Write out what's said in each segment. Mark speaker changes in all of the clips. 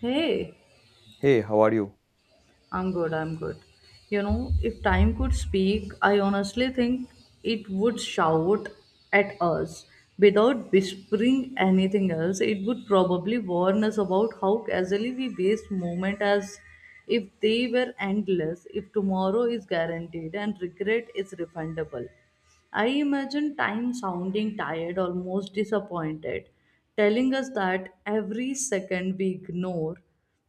Speaker 1: Hey,
Speaker 2: Hey, how are you?
Speaker 1: I'm good, I'm good. You know, if time could speak, I honestly think it would shout at us. Without whispering anything else, it would probably warn us about how casually we waste moment as if they were endless, if tomorrow is guaranteed and regret is refundable. I imagine time sounding tired, almost disappointed, telling us that every second we ignore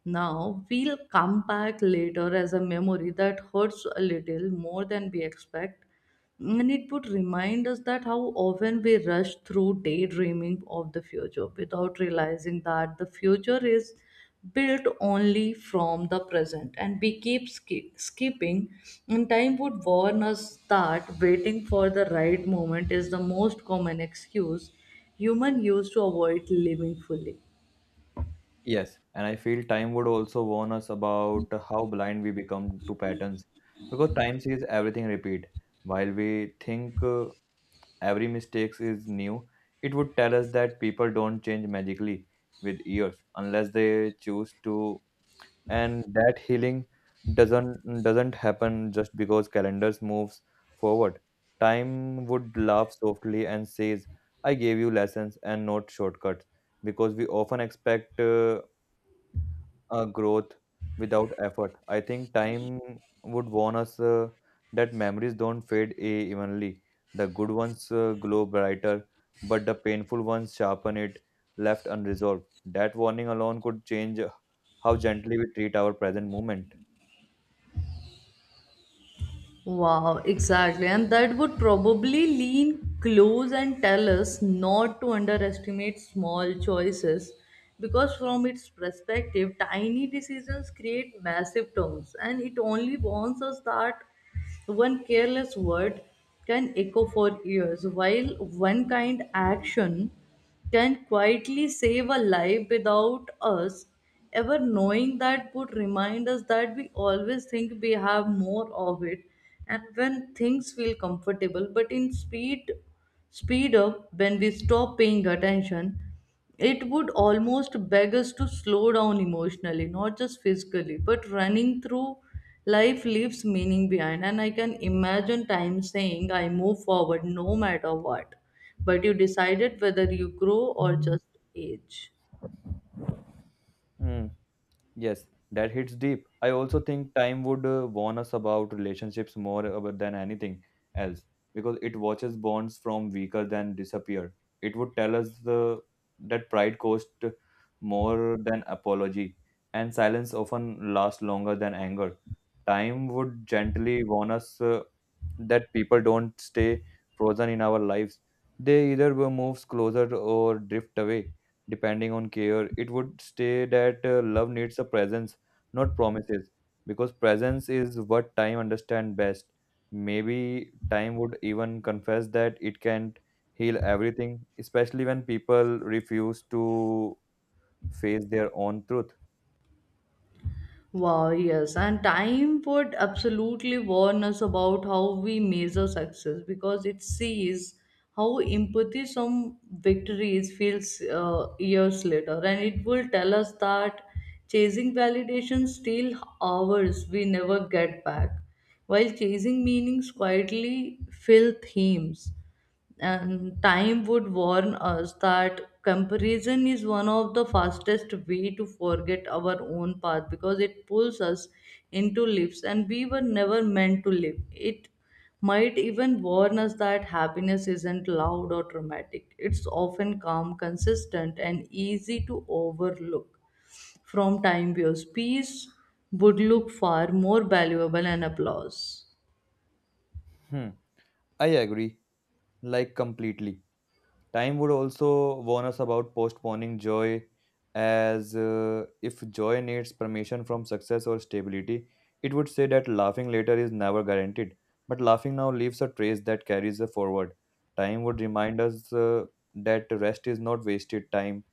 Speaker 1: now will come back later as a memory that hurts a little more than we expect. And it would remind us that how often we rush through daydreaming of the future without realizing that the future is built only from the present and we keep skipping. And time would warn us that waiting for the right moment is the most common excuse human use to avoid living fully.
Speaker 2: Yes, and I feel time would also warn us about how blind we become to patterns because time sees everything repeat. While we think every mistake is new, it would tell us that people don't change magically with years unless they choose to and that healing doesn't happen just because calendars moves forward. Time would laugh softly and says, I gave you lessons and not shortcuts, because we often expect growth without effort. I think time would warn us that memories don't fade evenly. The good ones glow brighter, but the painful ones sharpen it, left unresolved. That warning alone could change how gently we treat our present moment.
Speaker 1: Wow, exactly. And that would probably lean close and tell us not to underestimate small choices because, from its perspective, tiny decisions create massive terms, and it only warns us that one careless word can echo for years while one kind action can quietly save a life without us ever knowing. That would remind us that we always think we have more of it, and when things feel comfortable but in speed up when we stop paying attention. It would almost beg us to slow down emotionally, not just physically, but running through life leaves meaning behind. And I can imagine time saying, I move forward no matter what, but you decided whether you grow or just age.
Speaker 2: Hmm. Yes, that hits deep. I also think time would warn us about relationships more than anything else, because it watches bonds from weaker than disappear. It would tell us the that pride cost more than apology, and silence often lasts longer than anger. Time would gently warn us that people don't stay frozen in our lives. They either will moves closer or drift away, depending on care. It would stay that love needs a presence, not promises, because presence is what time understand best. Maybe time would even confess that it can't heal everything, especially when people refuse to face their own truth.
Speaker 1: Wow, yes, and Time would absolutely warn us about how we measure success because it sees how empathy some victories feels years later, and it will tell us that chasing validation steal hours we never get back, while chasing meanings quietly fill themes. And time would warn us that comparison is one of the fastest way to forget our own path because it pulls us into lives and we were never meant to live. It might even warn us that happiness isn't loud or dramatic, it's often calm, consistent, and easy to overlook. From time views, peace would look far more valuable and applause.
Speaker 2: Hmm, I agree, like completely. Time would also warn us about postponing joy, as if joy needs permission from success or stability. It would say that laughing later is never guaranteed. But laughing now leaves a trace that carries us forward. Time would remind us that rest is not wasted time,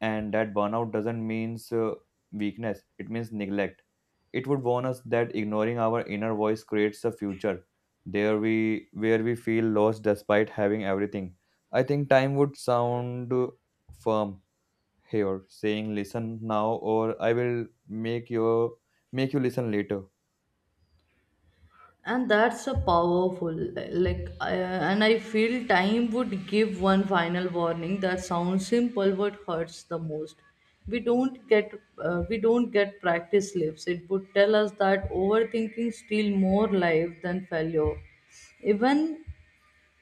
Speaker 2: and that burnout doesn't means weakness, it means neglect. It would warn us that ignoring our inner voice creates a future there we where we feel lost despite having everything. I think time would sound firm here, saying, listen now or I will make your make you listen later.
Speaker 1: And that's a powerful, like I, and I feel time would give one final warning that sounds simple but hurts the most. we don't get we don't get practice lives. It would tell us that overthinking steal more life than failure, even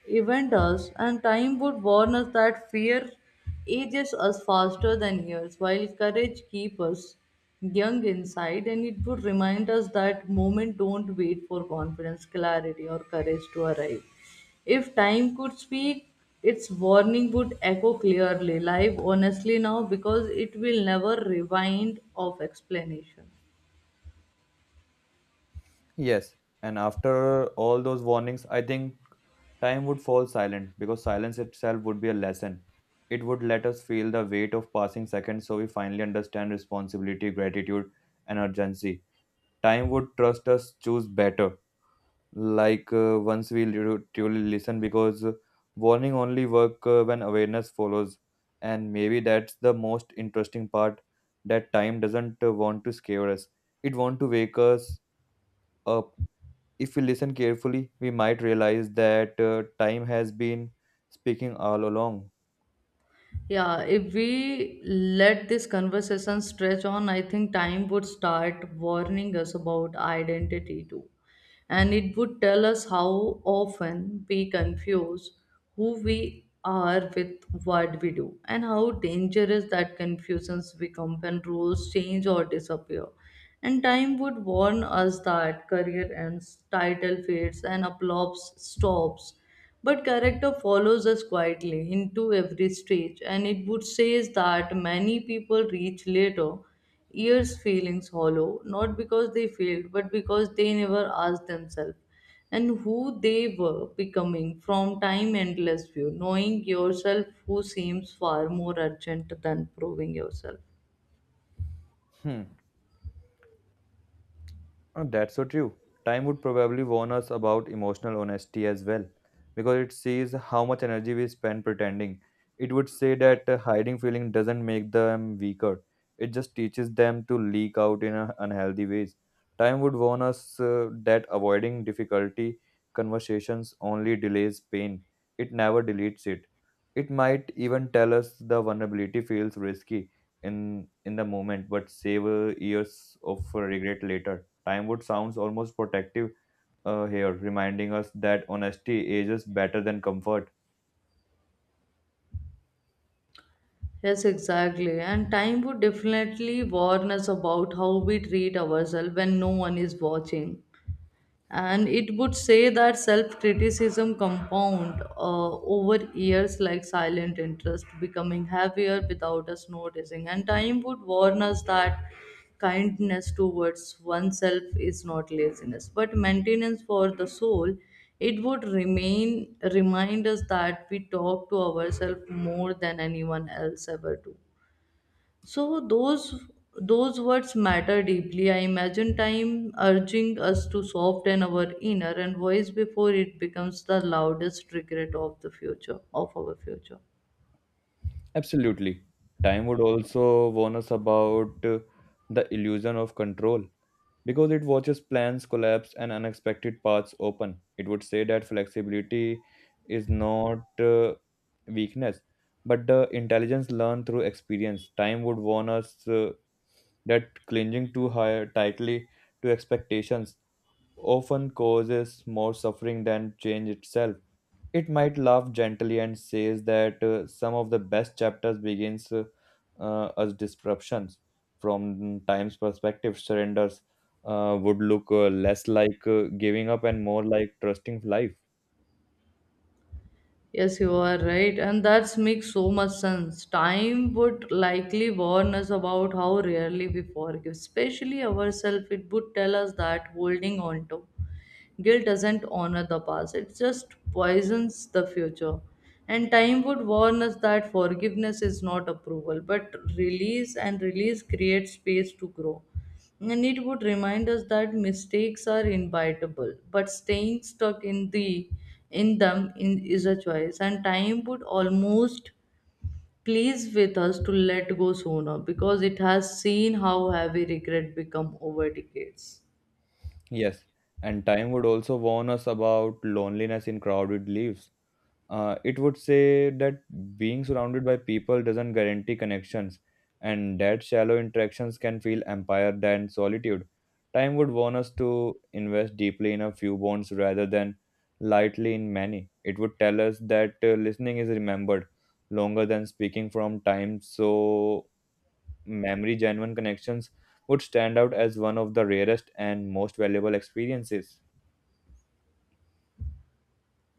Speaker 1: event us. And time would warn us that fear ages us faster than years, while courage keeps us young inside, and it would remind us that moment don't wait for confidence, clarity, or courage to arrive. If time could speak, its warning would echo clearly: live honestly now, because it will never rewind of explanation.
Speaker 2: Yes, and after all those warnings, I think time would fall silent, because silence itself would be a lesson. It would let us feel the weight of passing seconds so we finally understand responsibility, gratitude, and urgency. Time would trust us choose better, like once we truly listen, because warning only work when awareness follows. And maybe that's the most interesting part, that time doesn't want to scare us, it want to wake us up. If we listen carefully, we might realize that time has been speaking all along.
Speaker 1: Yeah, if we let this conversation stretch on, I think time would start warning us about identity too. And it would tell us how often we confuse who we are with what we do, and how dangerous that confusions become when roles change or disappear. And time would warn us that career ends, title fades, and applause stops, but character follows us quietly into every stage. And it would say that many people reach later years feelings hollow, not because they failed, but because they never asked themselves and who they were becoming. From time endless view, knowing yourself who seems far more urgent than proving yourself.
Speaker 2: Hmm. Oh, that's so true. Time would probably warn us about emotional honesty as well, because it sees how much energy we spend pretending. It would say that hiding feeling doesn't make them weaker, it just teaches them to leak out in unhealthy ways. Time would warn us that avoiding difficulty conversations only delays pain, it never deletes it. It might even tell us the vulnerability feels risky in the moment, but save years of regret later. Time would sounds almost protective here, reminding us that honesty ages better than comfort.
Speaker 1: Yes, exactly. And time would definitely warn us about how we treat ourselves when no one is watching. And it would say that self-criticism compound over years like silent interest, becoming heavier without us noticing. And time would warn us that kindness towards oneself is not laziness but maintenance for the soul. It would remain remind us that we talk to ourselves more than anyone else ever do, so those words matter deeply. I imagine time urging us to soften our inner and voice before it becomes the loudest regret of the future of our future.
Speaker 2: Absolutely. Time would also warn us about the illusion of control, because it watches plans collapse and unexpected paths open. It would say that flexibility is not weakness, but the intelligence learned through experience. Time would warn us that clinging too high tightly to expectations often causes more suffering than change itself. It might laugh gently and says that some of the best chapters begins as disruptions from time's perspective. Surrenders would look less like giving up and more like trusting life.
Speaker 1: Yes, you are right, and that makes so much sense. Time would likely warn us about how rarely we forgive, especially ourselves. It would tell us that holding on to guilt doesn't honor the past, it just poisons the future. And time would warn us that forgiveness is not approval, but release, and release creates space to grow. And it would remind us that mistakes are inevitable, but staying stuck in the in them in, is a choice. And time would almost please with us to let go sooner because it has seen how heavy regret become over decades.
Speaker 2: Yes, and time would also warn us about loneliness in crowded lives. It would say that being surrounded by people doesn't guarantee connections, and that shallow interactions can feel empire than solitude. Time would warn us to invest deeply in a few bonds rather than lightly in many. It would tell us that listening is remembered longer than speaking from time, so memory genuine connections would stand out as one of the rarest and most valuable experiences.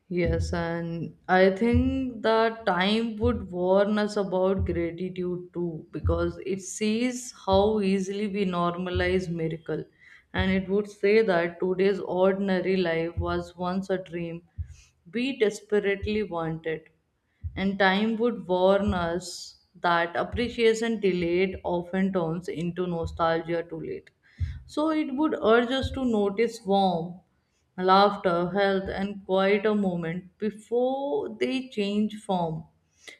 Speaker 1: Yes, and I think the time would warn us about gratitude too, because it sees how easily we normalize miracle. And it would say that today's ordinary life was once a dream we desperately wanted, and time would warn us that appreciation delayed often turns into nostalgia too late. So it would urge us to notice warmth, laughter, health, and quieter moment before they change form.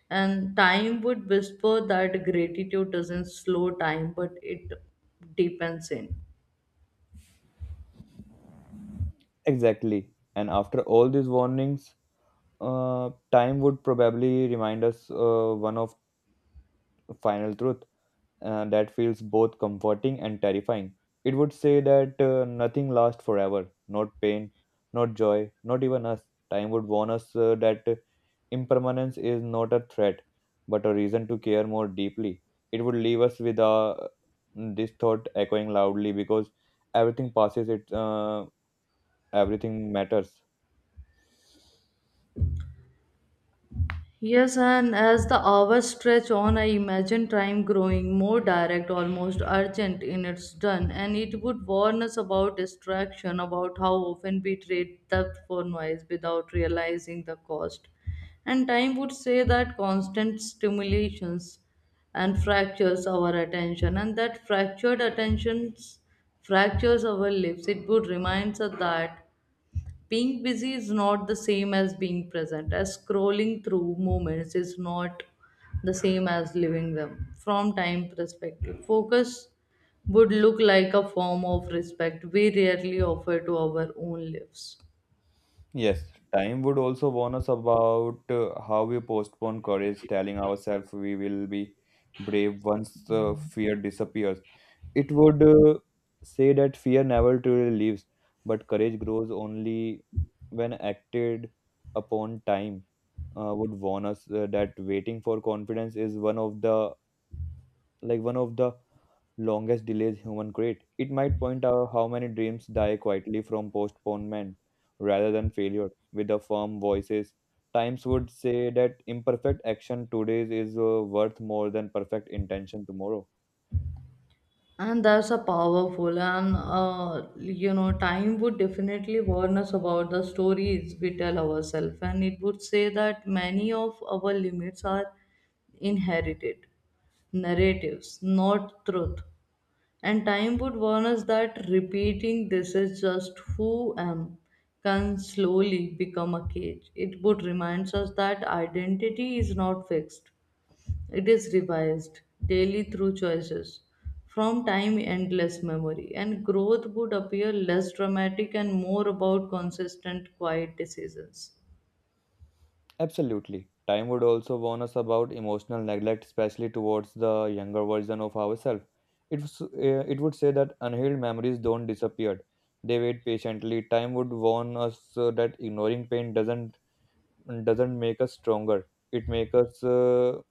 Speaker 1: And time would whisper that gratitude doesn't slow time, but it deepens in.
Speaker 2: Exactly. And after all these warnings, time would probably remind us one of final truth that feels both comforting and terrifying. It would say that nothing lasts forever, not pain, not joy, not even us. Time would warn us that impermanence is not a threat, but a reason to care more deeply. It would leave us with this thought echoing loudly because everything passes. It everything matters.
Speaker 1: Yes, and as the hours stretch on, I imagine time growing more direct, almost urgent in its done. And it would warn us about distraction, about how often we trade depth for noise without realizing the cost. And time would say that constant stimulations and fractures our attention, and that fractured attentions fractures our lives. It would remind us that being busy is not the same as being present, as scrolling through moments is not the same as living them. From time perspective, focus would look like a form of respect we rarely offer to our own lives.
Speaker 2: Yes, time would also warn us about how we postpone courage, telling ourselves we will be brave once fear disappears. It would say that fear never truly leaves, but courage grows only when acted upon. Time would warn us that waiting for confidence is one of the one of the longest delays human create. It might point out how many dreams die quietly from postponement rather than failure. With the firm voices, Times would say that imperfect action today is worth more than perfect intention tomorrow.
Speaker 1: And that's a powerful. And you know, time would definitely warn us about the stories we tell ourselves. And it would say that many of our limits are inherited narratives, not truth. And time would warn us that repeating this is just who am can slowly become a cage. It would remind us that identity is not fixed, it is revised daily through choices. From time endless memory, and growth would appear less dramatic and more about consistent quiet decisions.
Speaker 2: Absolutely. Time would also warn us about emotional neglect, especially towards the younger version of ourselves. It, was- uh, it would say that unhealed memories don't disappear. They wait patiently. Time would warn us that ignoring pain doesn't make us stronger. It makes us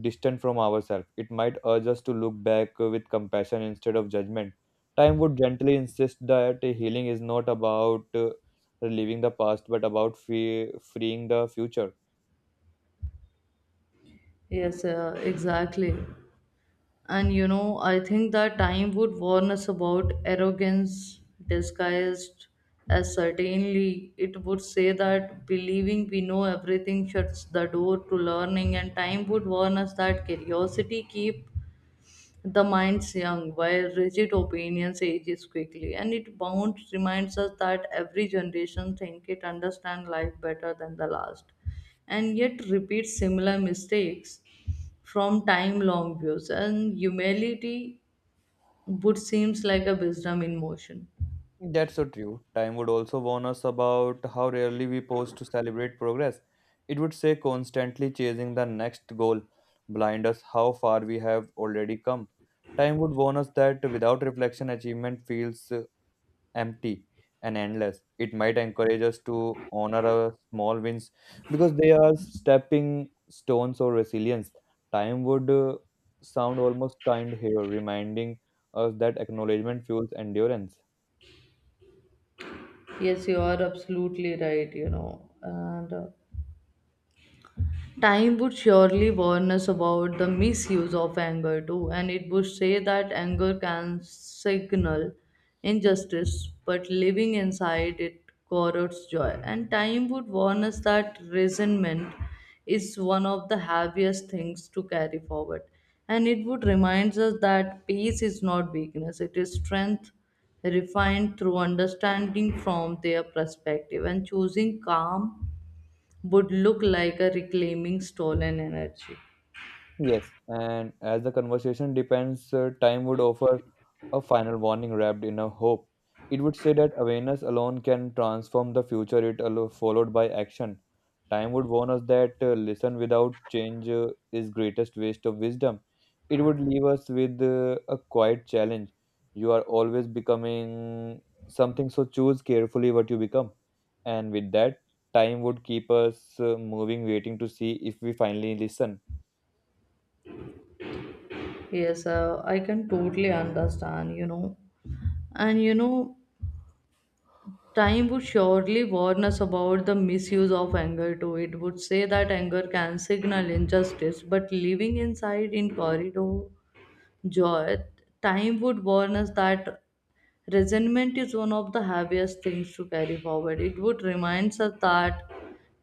Speaker 2: distant from ourselves. It might urge us to look back with compassion instead of judgment. Time would gently insist that healing is not about relieving the past, but about freeing the future.
Speaker 1: Yes, exactly. And you know, I think that time would warn us about arrogance disguised as certainly. It would say that believing we know everything shuts the door to learning, and time would warn us that curiosity keep the minds young while rigid opinions ages quickly. And it bound reminds us that every generation think it understand life better than the last, and yet repeats similar mistakes. From time long views, and humility would seems like a wisdom in motion.
Speaker 2: That's so true. Time would also warn us about how rarely we pause to celebrate progress. It would say constantly chasing the next goal, blind us how far we have already come. Time would warn us that without reflection, achievement feels empty and endless. It might encourage us to honor our small wins because they are stepping stones or resilience. Time would sound almost kind here, reminding us that acknowledgement fuels endurance.
Speaker 1: Yes, you are absolutely right, you know. And time would surely warn us about the misuse of anger too, and it would say that anger can signal injustice, but living inside it corrodes joy. And time would warn us that resentment is one of the heaviest things to carry forward, and it would remind us that peace is not weakness, it is strength refined through understanding. From their perspective, and choosing calm would look like a reclaiming stolen energy.
Speaker 2: Yes, and as the conversation depends, time would offer a final warning wrapped in a hope. It would say that awareness alone can transform the future, it followed by action. Time would warn us that listen without change is greatest waste of wisdom. It would leave us with a quiet challenge. You are always becoming something, so choose carefully what you become. And with that, time would keep us moving, waiting to see if we finally listen.
Speaker 1: Yes, I can totally understand, you know. And you know, time would surely warn us about the misuse of anger too. It would say that anger can signal injustice, but living inside in corridor joy. Time would warn us that resentment is one of the heaviest things to carry forward. It would remind us that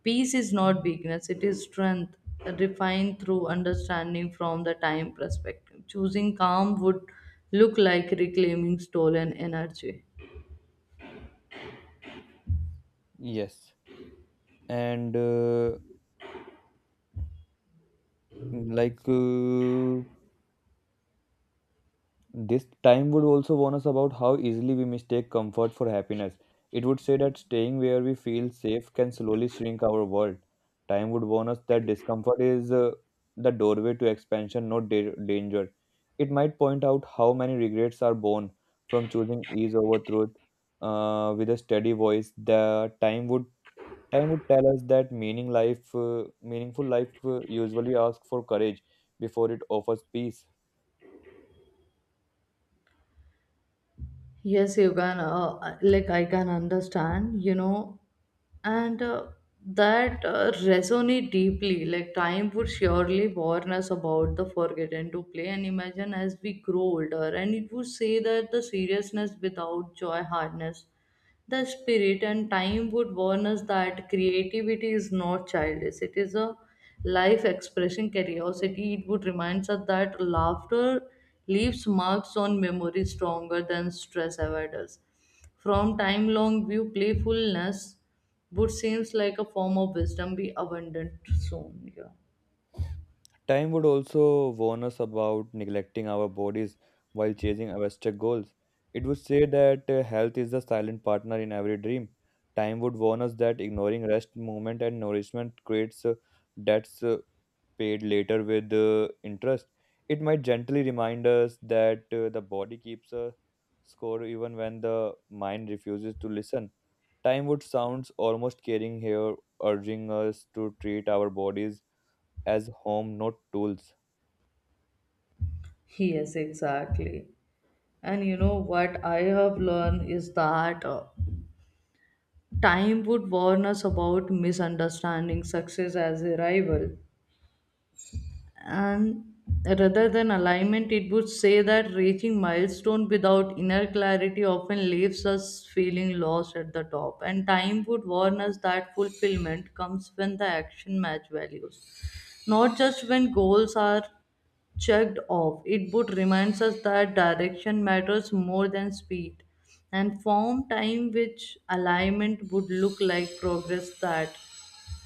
Speaker 1: peace is not weakness, it is strength refined through understanding. From the time perspective, choosing calm would look like reclaiming stolen energy.
Speaker 2: Yes. and like This time would also warn us about how easily we mistake comfort for happiness. It would say that staying where we feel safe can slowly shrink our world. Time would warn us that discomfort is the doorway to expansion, not danger. It might point out how many regrets are born from choosing ease over truth. With a steady voice, the time would tell us that meaningful life usually asks for courage before it offers peace.
Speaker 1: Yes, you can, like, I can understand, you know, and that resonate deeply. Like, time would surely warn us about the forgotten to play and imagine as we grow older. And it would say that the seriousness without joy hardness the spirit, and time would warn us that creativity is not childish, it is a life expressing curiosity. It would remind us that laughter leaves marks on memory stronger than stress ever does. From time long view, playfulness would seems like a form of wisdom, be abundant soon, yeah.
Speaker 2: Time would also warn us about neglecting our bodies while chasing abstract goals. It would say that health is the silent partner in every dream. Time would warn us that ignoring rest, movement, and nourishment creates debts paid later with interest. It might gently remind us that the body keeps a score even when the mind refuses to listen. Time would sounds almost caring here, urging us to treat our bodies as home, not tools.
Speaker 1: Yes, exactly. And you know what I have learned is that time would warn us about misunderstanding success as a rival, and rather than alignment. It would say that reaching milestone without inner clarity often leaves us feeling lost at the top, and time would warn us that fulfillment comes when the action match values, not just when goals are checked off. It both reminds us that direction matters more than speed, and form time which alignment would look like progress that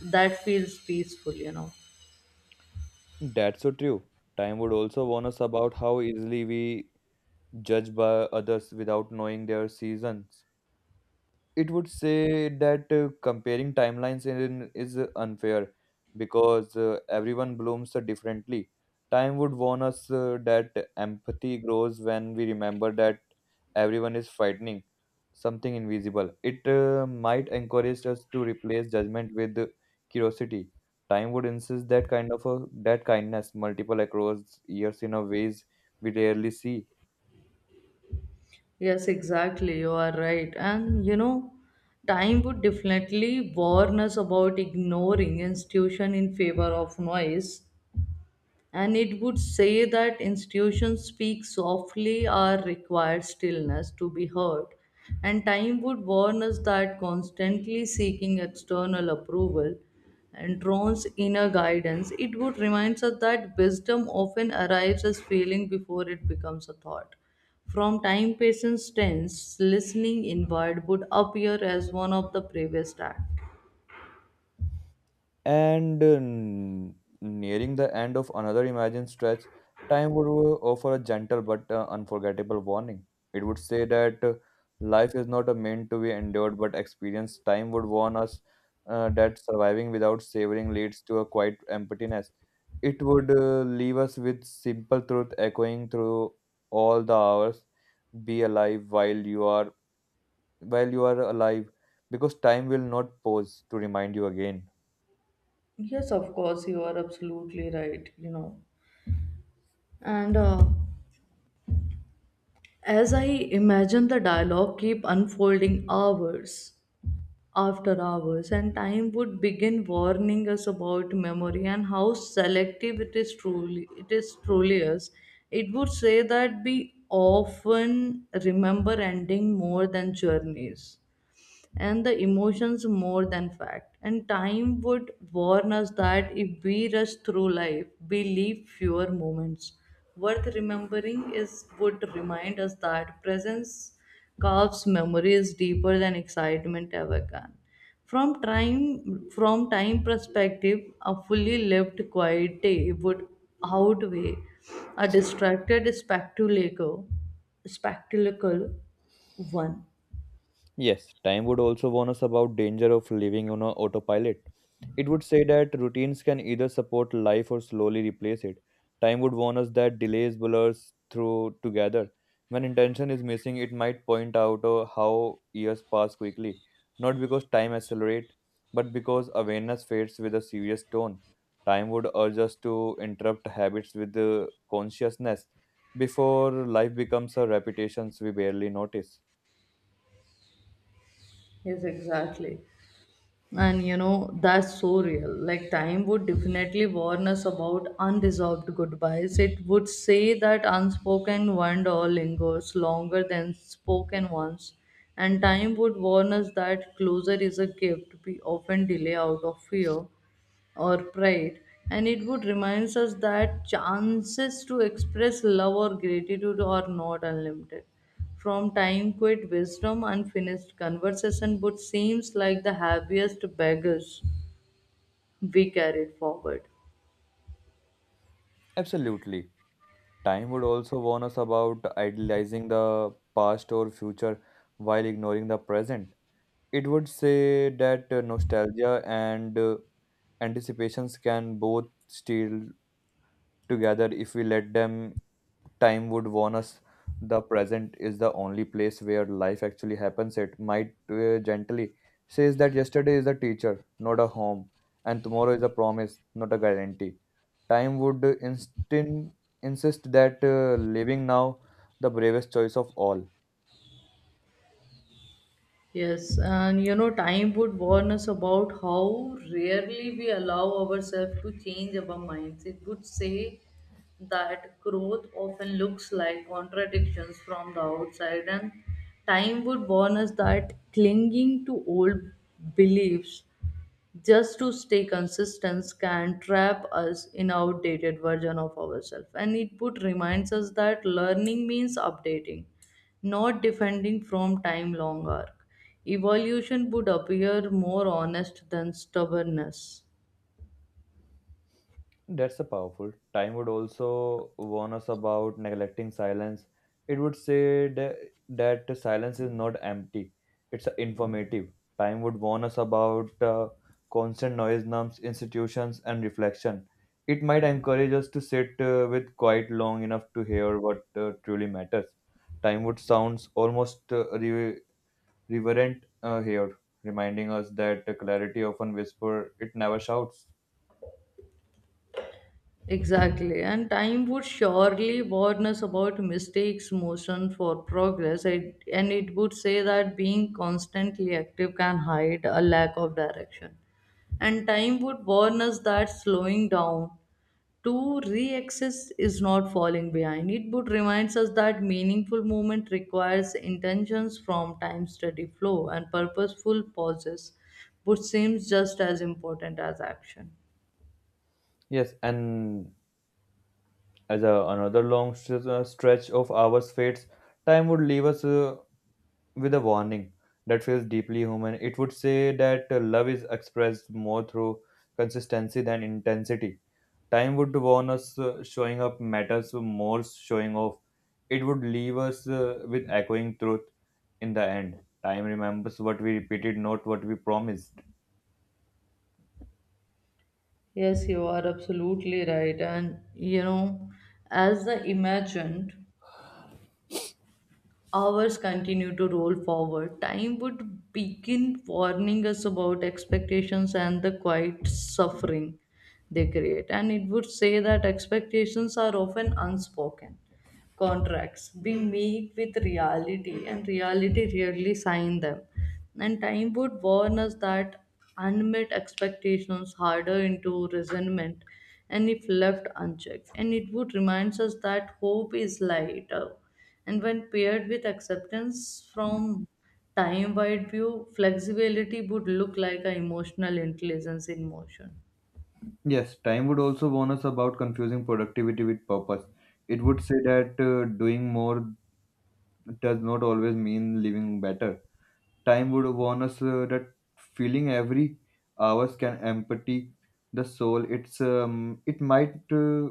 Speaker 1: that feels peaceful, you know.
Speaker 2: That's so true. Time would also warn us about how easily we judge by others without knowing their seasons. It would say that comparing timelines is unfair because everyone blooms differently. Time would warn us that empathy grows when we remember that everyone is fighting something invisible. It might encourage us to replace judgment with curiosity. Time would insist that kindness multiple across years in a ways we rarely see.
Speaker 1: Yes, exactly. You are right. And you know, time would definitely warn us about ignoring institution in favor of noise. And it would say that institutions speak softly or require stillness to be heard. And time would warn us that constantly seeking external approval and drones inner guidance. It would remind us that wisdom often arrives as feeling before it becomes a thought. From time patience tense, listening inward would appear as one of the previous act.
Speaker 2: And nearing the end of another imagined stretch, time would offer a gentle but unforgettable warning. It would say that life is not a meant to be endured but experienced. Time would warn us that surviving without savoring leads to a quiet emptiness. It would leave us with simple truth echoing through all the hours. Be alive while you are alive, because time will not pause to remind you again.
Speaker 1: Yes, of course, you are absolutely right. And as I imagine the dialogue keep unfolding hours after hours, and time would begin warning us about memory and how selective it is truly is. It would say that we often remember ending more than journeys and the emotions more than fact. And time would warn us that if we rush through life, we leave fewer moments. Worth remembering is would remind us that presence carves memories deeper than excitement ever can. From time perspective, a fully lived quiet day would outweigh a distracted spectacle one.
Speaker 2: Yes, time would also warn us about danger of living on a autopilot. It would say that routines can either support life or slowly replace it. Time would warn us that delays blurs through together. When intention is missing, it might point out how years pass quickly, not because time accelerates, but because awareness fades with a serious tone. Time would urge us to interrupt habits with consciousness before life becomes a repetition we barely notice.
Speaker 1: Yes, exactly. And that's so real. Like, time would definitely warn us about unresolved goodbyes. It would say that unspoken wonder lingers longer than spoken ones. And time would warn us that closure is a gift we often delay out of fear or pride, and it would remind us that chances to express love or gratitude are not unlimited from time quit wisdom unfinished conversation but seems like the happiest beggars we carried forward.
Speaker 2: Absolutely. Time would also warn us about idealizing the past or future while ignoring the present. It would say that nostalgia and anticipations can both steal together if we let them. Time would warn us the present is the only place where life actually happens. It might gently says that yesterday is a teacher, not a home, and tomorrow is a promise, not a guarantee. Time would instin- insist that living now the bravest choice of all.
Speaker 1: Yes, and time would warn us about how rarely we allow ourselves to change our minds. It would say that growth often looks like contradictions from the outside, and time would warn us that clinging to old beliefs just to stay consistent can trap us in outdated version of ourselves, and it would reminds us that learning means updating, not defending from time long arc evolution would appear more honest than stubbornness.
Speaker 2: That's a powerful. Time would also warn us about neglecting silence. It would say that silence is not empty, it's informative. Time would warn us about constant noise, norms, institutions, and reflection. It might encourage us to sit with quiet long enough to hear what truly matters. Time would sounds almost re- reverent here, reminding us that clarity often whispers, it never shouts.
Speaker 1: Exactly, and time would surely warn us about mistakes, motion for progress, and it would say that being constantly active can hide a lack of direction. And time would warn us that slowing down to re access is not falling behind. It would remind us that meaningful movement requires intentions from time steady flow and purposeful pauses, which seems just as important as action.
Speaker 2: Yes, and another long stretch of hours fades, time would leave us with a warning that feels deeply human. It would say that love is expressed more through consistency than intensity. Time would warn us showing up matters more showing off. It would leave us with echoing truth in the end. Time remembers what we repeated, not what we promised.
Speaker 1: Yes, you are absolutely right. And as the imagined hours continue to roll forward. Time would begin warning us about expectations and the quiet suffering they create. And it would say that expectations are often unspoken contracts. We meet with reality, and reality rarely sign them. And time would warn us that unmet expectations harder into resentment and if left unchecked. And it would remind us that hope is lighter. And when paired with acceptance from time wide view, flexibility would look like an emotional intelligence in motion.
Speaker 2: Yes, time would also warn us about confusing productivity with purpose. It would say that doing more does not always mean living better. Time would warn us that feeling every hours can empty the soul. It might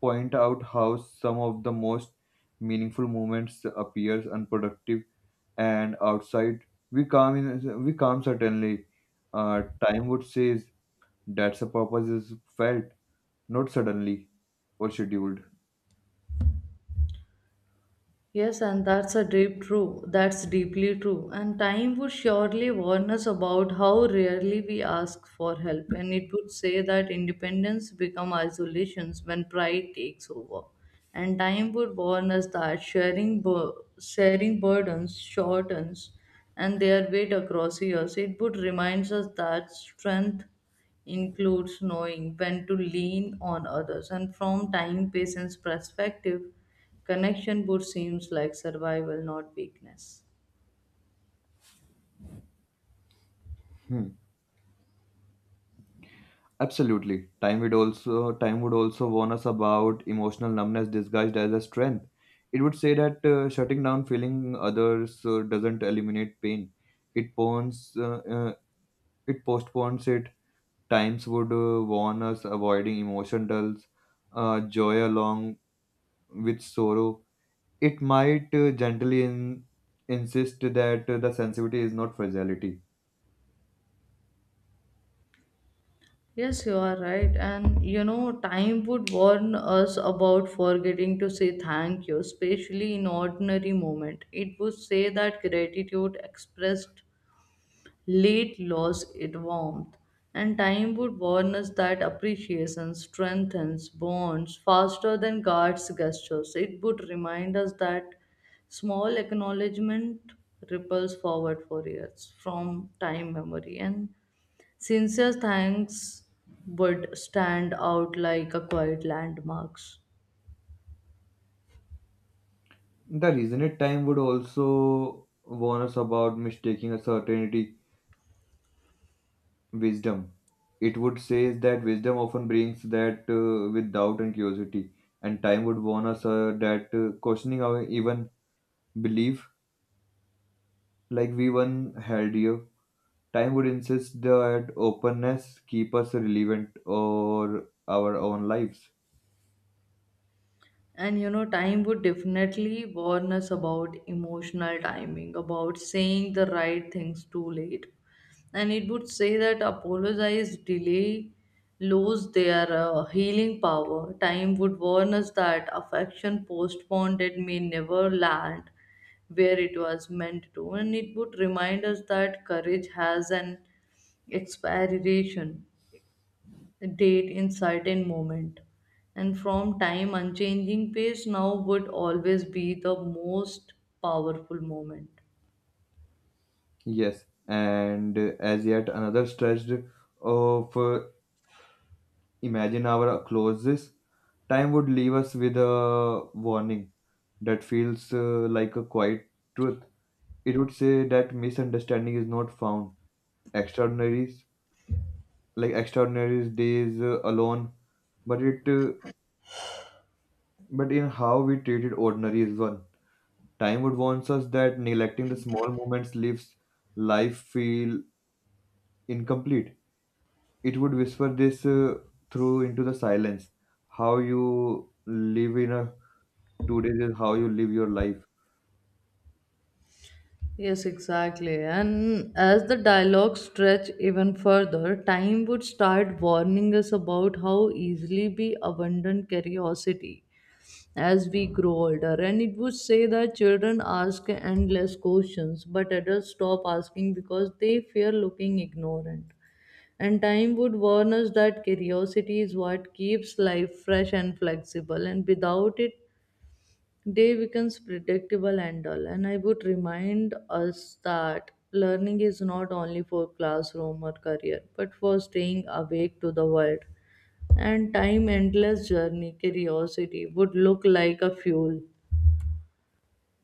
Speaker 2: point out how some of the most meaningful moments appears unproductive and outside. We come certainly. Time would says that's a purpose is felt, not suddenly or scheduled.
Speaker 1: Yes, and that's a deep true. That's deeply true. And time would surely warn us about how rarely we ask for help, and it would say that independence become isolations when pride takes over. And time would warn us that sharing burdens shortens and their weight across years. It would remind us that strength includes knowing when to lean on others and from time patient's perspective connection would seems like survival, not weakness.
Speaker 2: Hmm. Absolutely. Time would also warn us about emotional numbness disguised as a strength. It would say that shutting down feeling others doesn't eliminate pain. It pones, uh, uh, it postpones it. Times would warn us avoiding emotion dulls joy along with sorrow. It might gently insist that the sensitivity is not fragility.
Speaker 1: Yes, you are right, and time would warn us about forgetting to say thank you, especially in ordinary moment. It would say that gratitude expressed late lost its warmth, and time would warn us that appreciation strengthens bonds faster than God's gestures. It would remind us that small acknowledgement ripples forward for years from time memory, and sincere thanks would stand out like a quiet landmarks.
Speaker 2: The reason it time would also warn us about mistaking a certainty wisdom. It would say that wisdom often brings that with doubt and curiosity, and time would warn us that questioning our even belief like we one held here. Time would insist that openness keep us relevant or our own lives.
Speaker 1: And time would definitely warn us about emotional timing, about saying the right things too late. And it would say that apologize delay lose their healing power. Time would warn us that affection postponed it may never land where it was meant to, and it would remind us that courage has an expiration date in certain moment, and from time unchanging pace now would always be the most powerful moment.
Speaker 2: Yes, and as yet another stretch of imagine our closes, time would leave us with a warning that feels like a quiet truth. It would say that misunderstanding is not found extraordinaries, like extraordinary days alone, but it uh, but in how we treated ordinary is one. Time would warns us that neglecting the small moments leaves life feel incomplete. It would whisper this through into the silence: how you live in a 2 days is how you live your life.
Speaker 1: Yes, exactly. And as the dialogue stretched even further, time would start warning us about how easily we abandon curiosity as we grow older. And it would say that children ask endless questions, but adults stop asking because they fear looking ignorant. And time would warn us that curiosity is what keeps life fresh and flexible, and without it, day becomes predictable and dull, and I would remind us that learning is not only for classroom or career, but for staying awake to the world. And time endless journey, curiosity would look like a fuel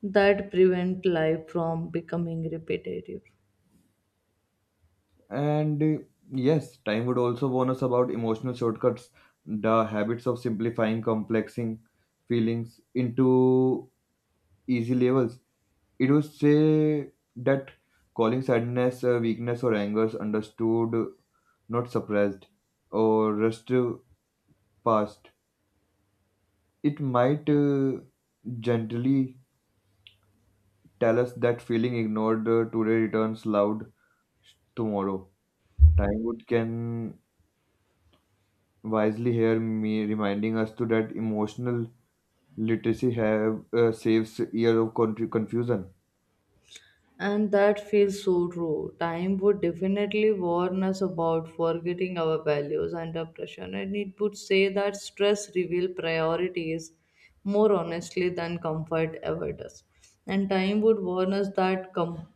Speaker 1: that prevent life from becoming repetitive.
Speaker 2: And Yes, time would also warn us about emotional shortcuts, the habits of simplifying, complexing feelings into easy levels. It would say that calling sadness, weakness, or anger is understood, not suppressed, or rushed past. It might gently tell us that feeling ignored today returns loud tomorrow. Time would can wisely here me reminding us to that emotional literacy have saves year of country confusion.
Speaker 1: And that feels so true. Time would definitely warn us about forgetting our values under pressure, and it would say that stress reveals priorities more honestly than comfort ever does. And time would warn us that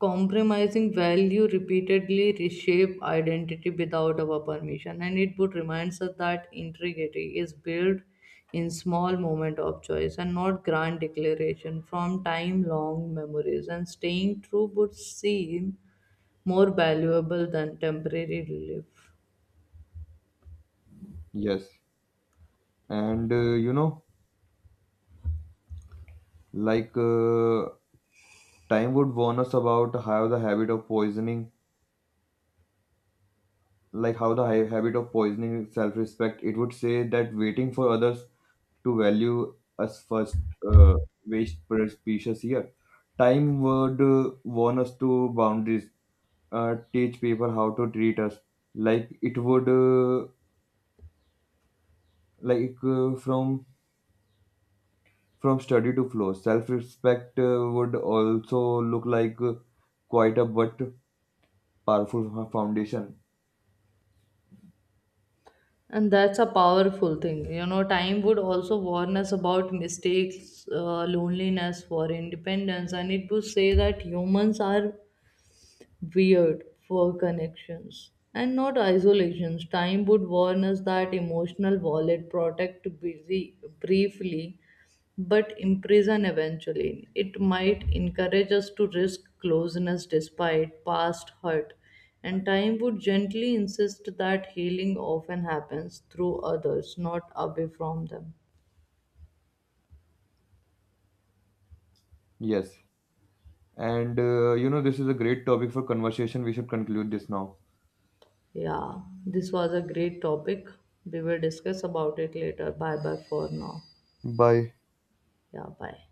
Speaker 1: compromising value repeatedly reshape identity without our permission, and it would reminds us that integrity is built in small moment of choice and not grand declaration from time long memories, and staying true would seem more valuable than temporary relief.
Speaker 2: Yes, and like uh, time would warn us about how the habit of poisoning, like how the hi- habit of poisoning self-respect. It would say that waiting for others to value us first uh, waste precious year. Time would warn us to boundaries. Teach people how to treat us. Like it would, like from study to flow, self respect would also look like quite a but foundation.
Speaker 1: And that's a powerful thing, time would also warn us about mistakes loneliness for independence, and it would say that humans are weird for connections and not isolations. Time would warn us that emotional wallet protect busy briefly but imprison eventually. It might encourage us to risk closeness despite past hurt. And time would gently insist that healing often happens through others, not away from them.
Speaker 2: Yes. And this is a great topic for conversation. We should conclude this now.
Speaker 1: Yeah, this was a great topic. We will discuss about it later. Bye bye for now.
Speaker 2: Bye.
Speaker 1: Yeah, bye.